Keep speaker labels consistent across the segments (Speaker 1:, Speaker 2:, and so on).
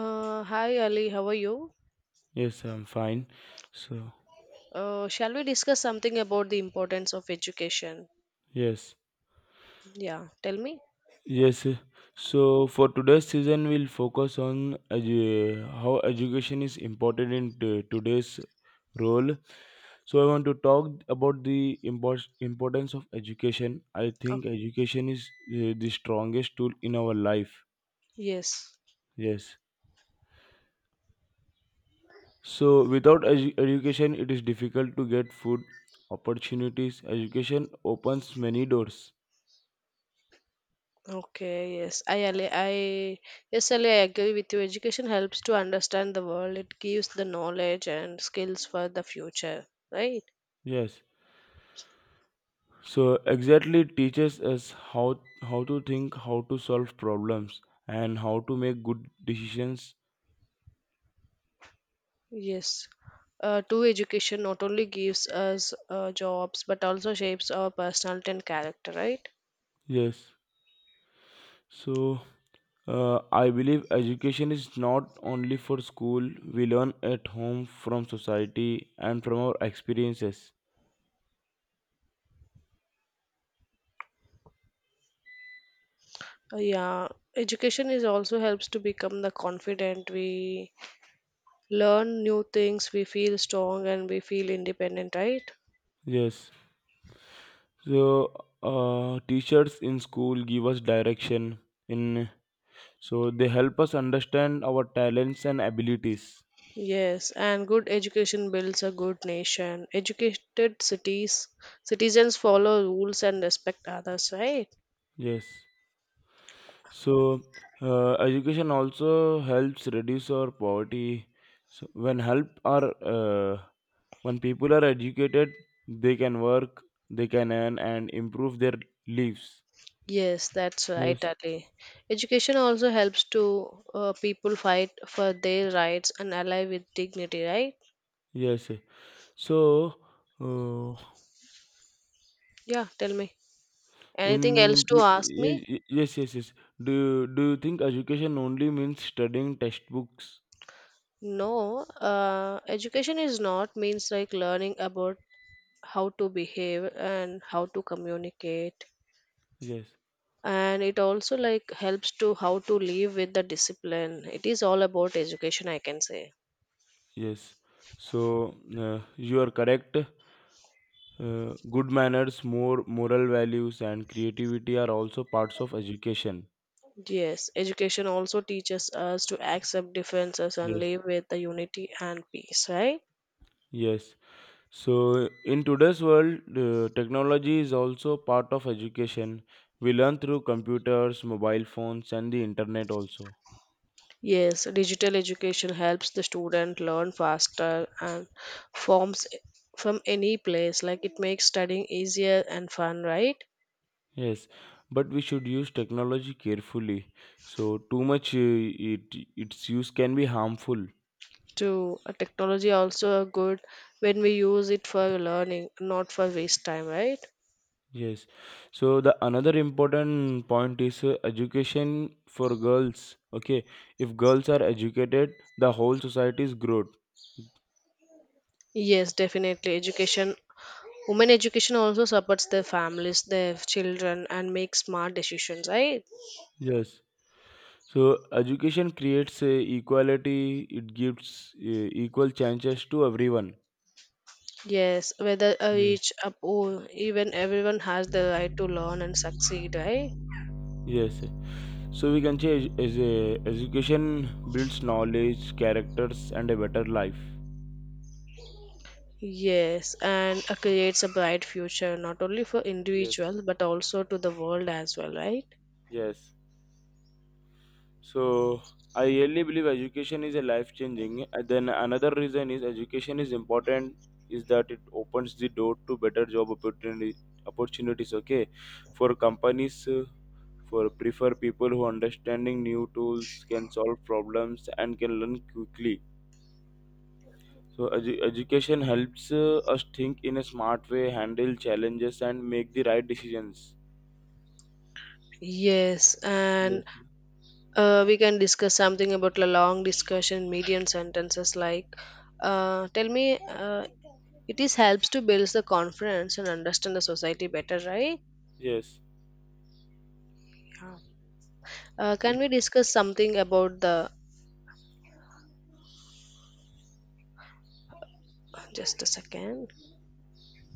Speaker 1: Hi Ali, how are you?
Speaker 2: Yes, I'm fine. So,
Speaker 1: Shall we discuss something about the importance of education?
Speaker 2: yes,
Speaker 1: Yeah, tell me.
Speaker 2: yes. uh, So for today's season, we'll focus on how education is important in today's role. So, I want to talk about the importance of education. I
Speaker 1: Oh,
Speaker 2: think education is the strongest tool in our life.
Speaker 1: yes.
Speaker 2: Yes. So, without education, it is difficult to get food opportunities. Education opens many doors.
Speaker 1: Okay, yes. I Ali, I yes Ali, I agree with you. Education helps to understand the world. It gives the knowledge and skills for the future, right?
Speaker 2: Yes. So exactly it teaches us how to think, how to solve problems, and how to make good decisions.
Speaker 1: Yes. True education not only gives us jobs but also shapes our personality and character, right?
Speaker 2: Yes. So I believe education is not only for school. We learn at home, from society, and from our experiences.
Speaker 1: Yeah, education is also helps to become the confident we learn new things, we feel strong and we feel independent, right?
Speaker 2: Yes. So teachers in school give us direction. In So they help us understand our talents and abilities.
Speaker 1: Yes, and good education builds a good nation. Educated cities citizens follow rules and respect others, right?
Speaker 2: Yes. So education also helps reduce our poverty. So, when people are educated, they can work, they can earn, and improve their lives.
Speaker 1: Yes, that's right,
Speaker 2: Yes,
Speaker 1: Ali. Education also helps to people fight for their rights and ally with dignity, right?
Speaker 2: yes. yes. So, uh,
Speaker 1: Yeah, tell me.
Speaker 2: in
Speaker 1: Anything else to ask
Speaker 2: ye-
Speaker 1: me?
Speaker 2: ye- yes, yes, yes. Do you think education only means studying textbooks?
Speaker 1: No, education is not means like learning about how to behave and how to communicate
Speaker 2: Yes,
Speaker 1: and it also like helps to how to live with the discipline it is all about education I can say
Speaker 2: yes. So, you are correct. Good manners, more moral values, and creativity are also parts of education.
Speaker 1: yes education also teaches us to accept differences and
Speaker 2: Yes.
Speaker 1: live with the unity and peace right
Speaker 2: Yes. So, in today's world, technology is also part of education. We learn through computers, mobile phones, and the internet also.
Speaker 1: yes digital education helps the student learn faster and forms from any place like it makes studying easier and fun right
Speaker 2: Yes, but we should use technology carefully. So, too much it its use can be harmful.
Speaker 1: to technology also a good when we use it for learning not for waste time right
Speaker 2: Yes. So the another important point is education for girls. Okay, if girls are educated, the whole society is growth.
Speaker 1: yes definitely education women education also supports their families their children and make smart decisions right
Speaker 2: Yes. So education creates equality. It gives equal chances to everyone.
Speaker 1: yes whether
Speaker 2: Yes.
Speaker 1: each up oh, even everyone has the right to learn and succeed right
Speaker 2: Yes. So we can say edu- as a education builds knowledge, characters, and a better life.
Speaker 1: yes and creates a bright future not only for
Speaker 2: Yes.
Speaker 1: individuals but also to the world as well right.
Speaker 2: Yes. So I really believe education is a life changing. And then another reason is education is important is that it opens the door to better job opportunity opportunities. Okay, for companies, for prefer people who understanding new tools can solve problems and can learn quickly. So education helps us think in a smart way, handle challenges, and make the right decisions.
Speaker 1: Yes,
Speaker 2: Yes.
Speaker 1: and we can discuss something about a long discussion, medium sentences like, tell me, it is helps to build the confidence and understand the society better, right?
Speaker 2: Yes.
Speaker 1: Can
Speaker 2: Yes.
Speaker 1: we discuss something about the, just a second.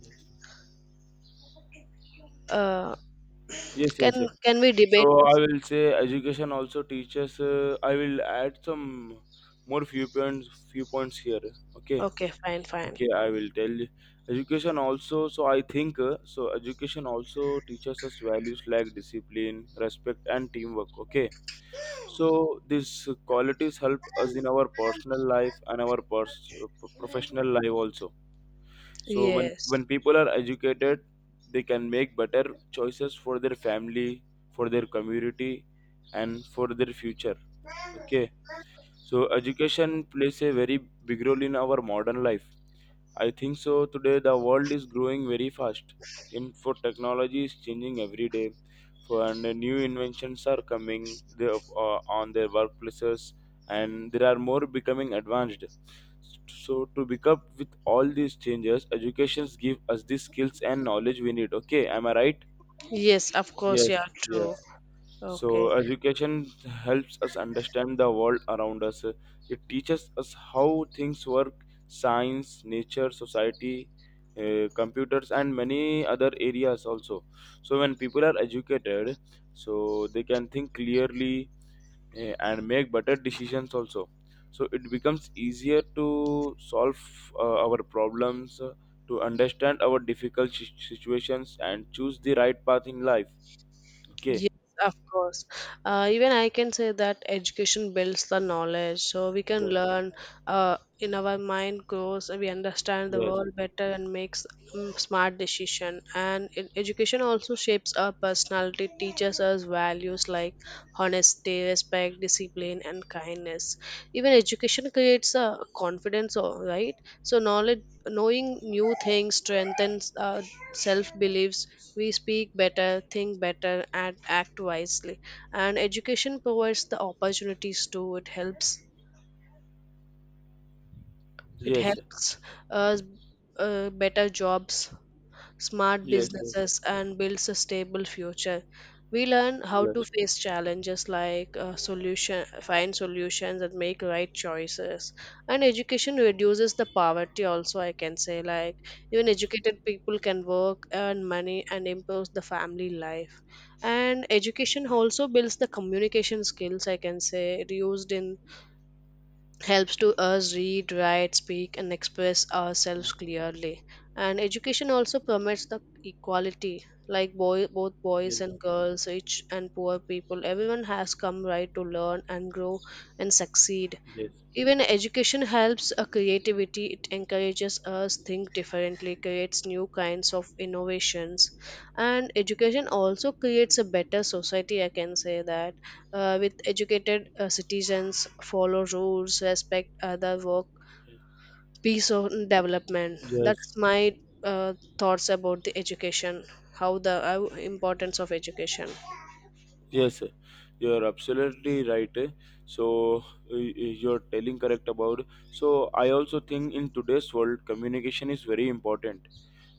Speaker 2: Yes.
Speaker 1: Uh,
Speaker 2: Yes.
Speaker 1: can,
Speaker 2: yes.
Speaker 1: can we debate
Speaker 2: So I
Speaker 1: this?
Speaker 2: will say education also teaches. I will add some more few points. Few points here. Okay.
Speaker 1: Okay, fine, fine.
Speaker 2: Okay. I will tell you. Education also. So I think. So education also teaches us values like discipline, respect, and teamwork. Okay. So these qualities help us in our personal life and our professional life also. So when
Speaker 1: Yes.
Speaker 2: when people are educated, they can make better choices for their family, for their community, and for their future. Okay. So education plays a very big role in our modern life. I think so. Today, the world is growing very fast. Info technology is changing every day, for and new inventions are coming there, on their workplaces, and there are more becoming advanced. So, to pick up with all these changes, educations give us the skills and knowledge we need. Okay, am I right?
Speaker 1: Yes, of course,
Speaker 2: Yes,
Speaker 1: yeah, true.
Speaker 2: yes. So,
Speaker 1: Okay.
Speaker 2: education helps us understand the world around us. It teaches us how things work, science, nature, society, computers, and many other areas also. So, when people are educated, so they can think clearly and make better decisions also. So, it becomes easier to solve our problems, to understand our difficult situations, and choose the right path in life. Okay.
Speaker 1: Yes, of course. Even I can say that education builds the knowledge, so we can
Speaker 2: Yes.
Speaker 1: learn. In our mind grows, we understand the
Speaker 2: Yes.
Speaker 1: world better and makes smart decision. And it, education also shapes our personality, teaches us values like honesty respect, discipline, and kindness. Even education creates a confidence, right? So knowledge, knowing new things strengthens self beliefs. We speak better, think better, and act wisely. And education provides the opportunities too. It helps. It
Speaker 2: Yes,
Speaker 1: helps us better jobs smart
Speaker 2: yes, yes,
Speaker 1: businesses and builds a stable future. We learn how to
Speaker 2: yes,
Speaker 1: face challenges like uh, find solutions and make right choices. And education reduces the poverty also, I can say. Like even educated people can work, earn money and improve the family life. And education also builds the communication skills, I can say, used in helps to us read, write, speak, and express ourselves clearly. And education also promotes the equality, like both
Speaker 2: yes,
Speaker 1: boys
Speaker 2: yes,
Speaker 1: and girls, rich and poor people. Everyone has come right to learn and grow and succeed.
Speaker 2: yes, yes,
Speaker 1: Even education helps a creativity. It encourages us think differently, creates new kinds of innovations, and education also creates a better society. I can say that with educated citizens follow rules, respect other work, peace of development.
Speaker 2: yes,
Speaker 1: That's my uh, thoughts about the education. How the importance of education.
Speaker 2: yes. Sir, you are absolutely right. Eh. So you're telling correct about. So I also think in today's world, communication is very important.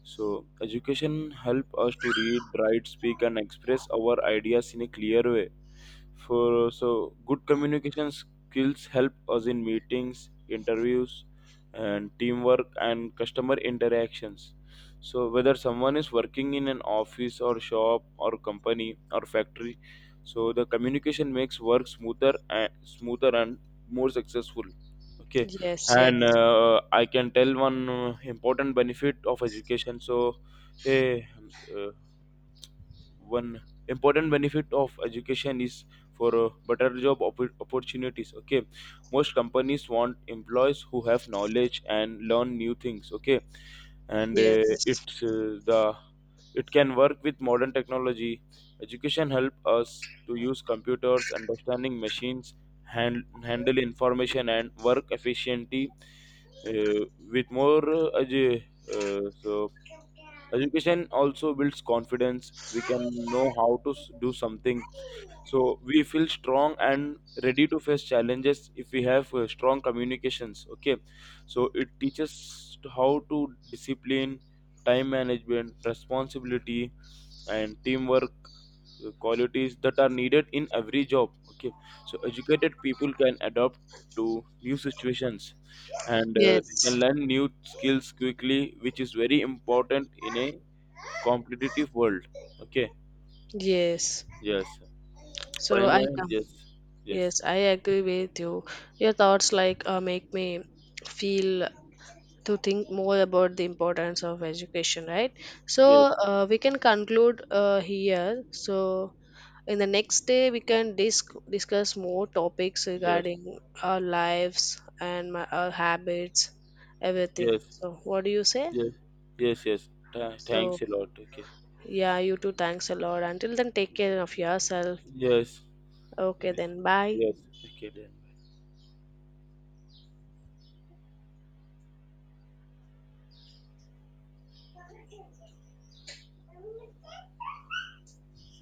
Speaker 2: So education help us to read, write, speak, and express our ideas in a clear way. For So good communication skills help us in meetings, interviews, and teamwork and customer interactions. So whether someone is working in an office or shop or company or factory, so the communication makes work smoother and smoother and more successful. Okay.
Speaker 1: Yes,
Speaker 2: And
Speaker 1: yes,
Speaker 2: I can tell one important benefit of education. Eh, uh, One important benefit of education is for better job opportunities. Okay. Most companies want employees who have knowledge and learn new things. Okay. and uh,
Speaker 1: yes,
Speaker 2: it's uh, the it can work with modern technology. Education help us to use computers, understanding machines, handle information and work efficiently. Uh, with more edu- so Education also builds confidence. We can know how to do something. So we feel strong and ready to face challenges if we have strong communications. Okay. So it teaches how to discipline, time management, responsibility, and teamwork, qualities that are needed in every job. Okay. So educated people can adapt to new situations and they can
Speaker 1: yes,
Speaker 2: learn new skills quickly, which is very important in a competitive world. Okay.
Speaker 1: yes.
Speaker 2: Yes.
Speaker 1: So I
Speaker 2: Finance.
Speaker 1: come.
Speaker 2: Yes. Yes.
Speaker 1: Yes, I agree with you. Your thoughts like make me feel to think more about the importance of education, right? So
Speaker 2: Yes.
Speaker 1: we can conclude here. So in the next day, we can discuss more topics
Speaker 2: Yes.
Speaker 1: regarding our lives and my, our habits, everything.
Speaker 2: Yes.
Speaker 1: So what do you say?
Speaker 2: Yes. Yes. Yes.
Speaker 1: So
Speaker 2: Thanks a lot. Okay.
Speaker 1: yeah, you too. Thanks a lot. Until then, take care of yourself.
Speaker 2: Yes.
Speaker 1: Okay,
Speaker 2: Yes.
Speaker 1: then bye.
Speaker 2: Yes. Okay then.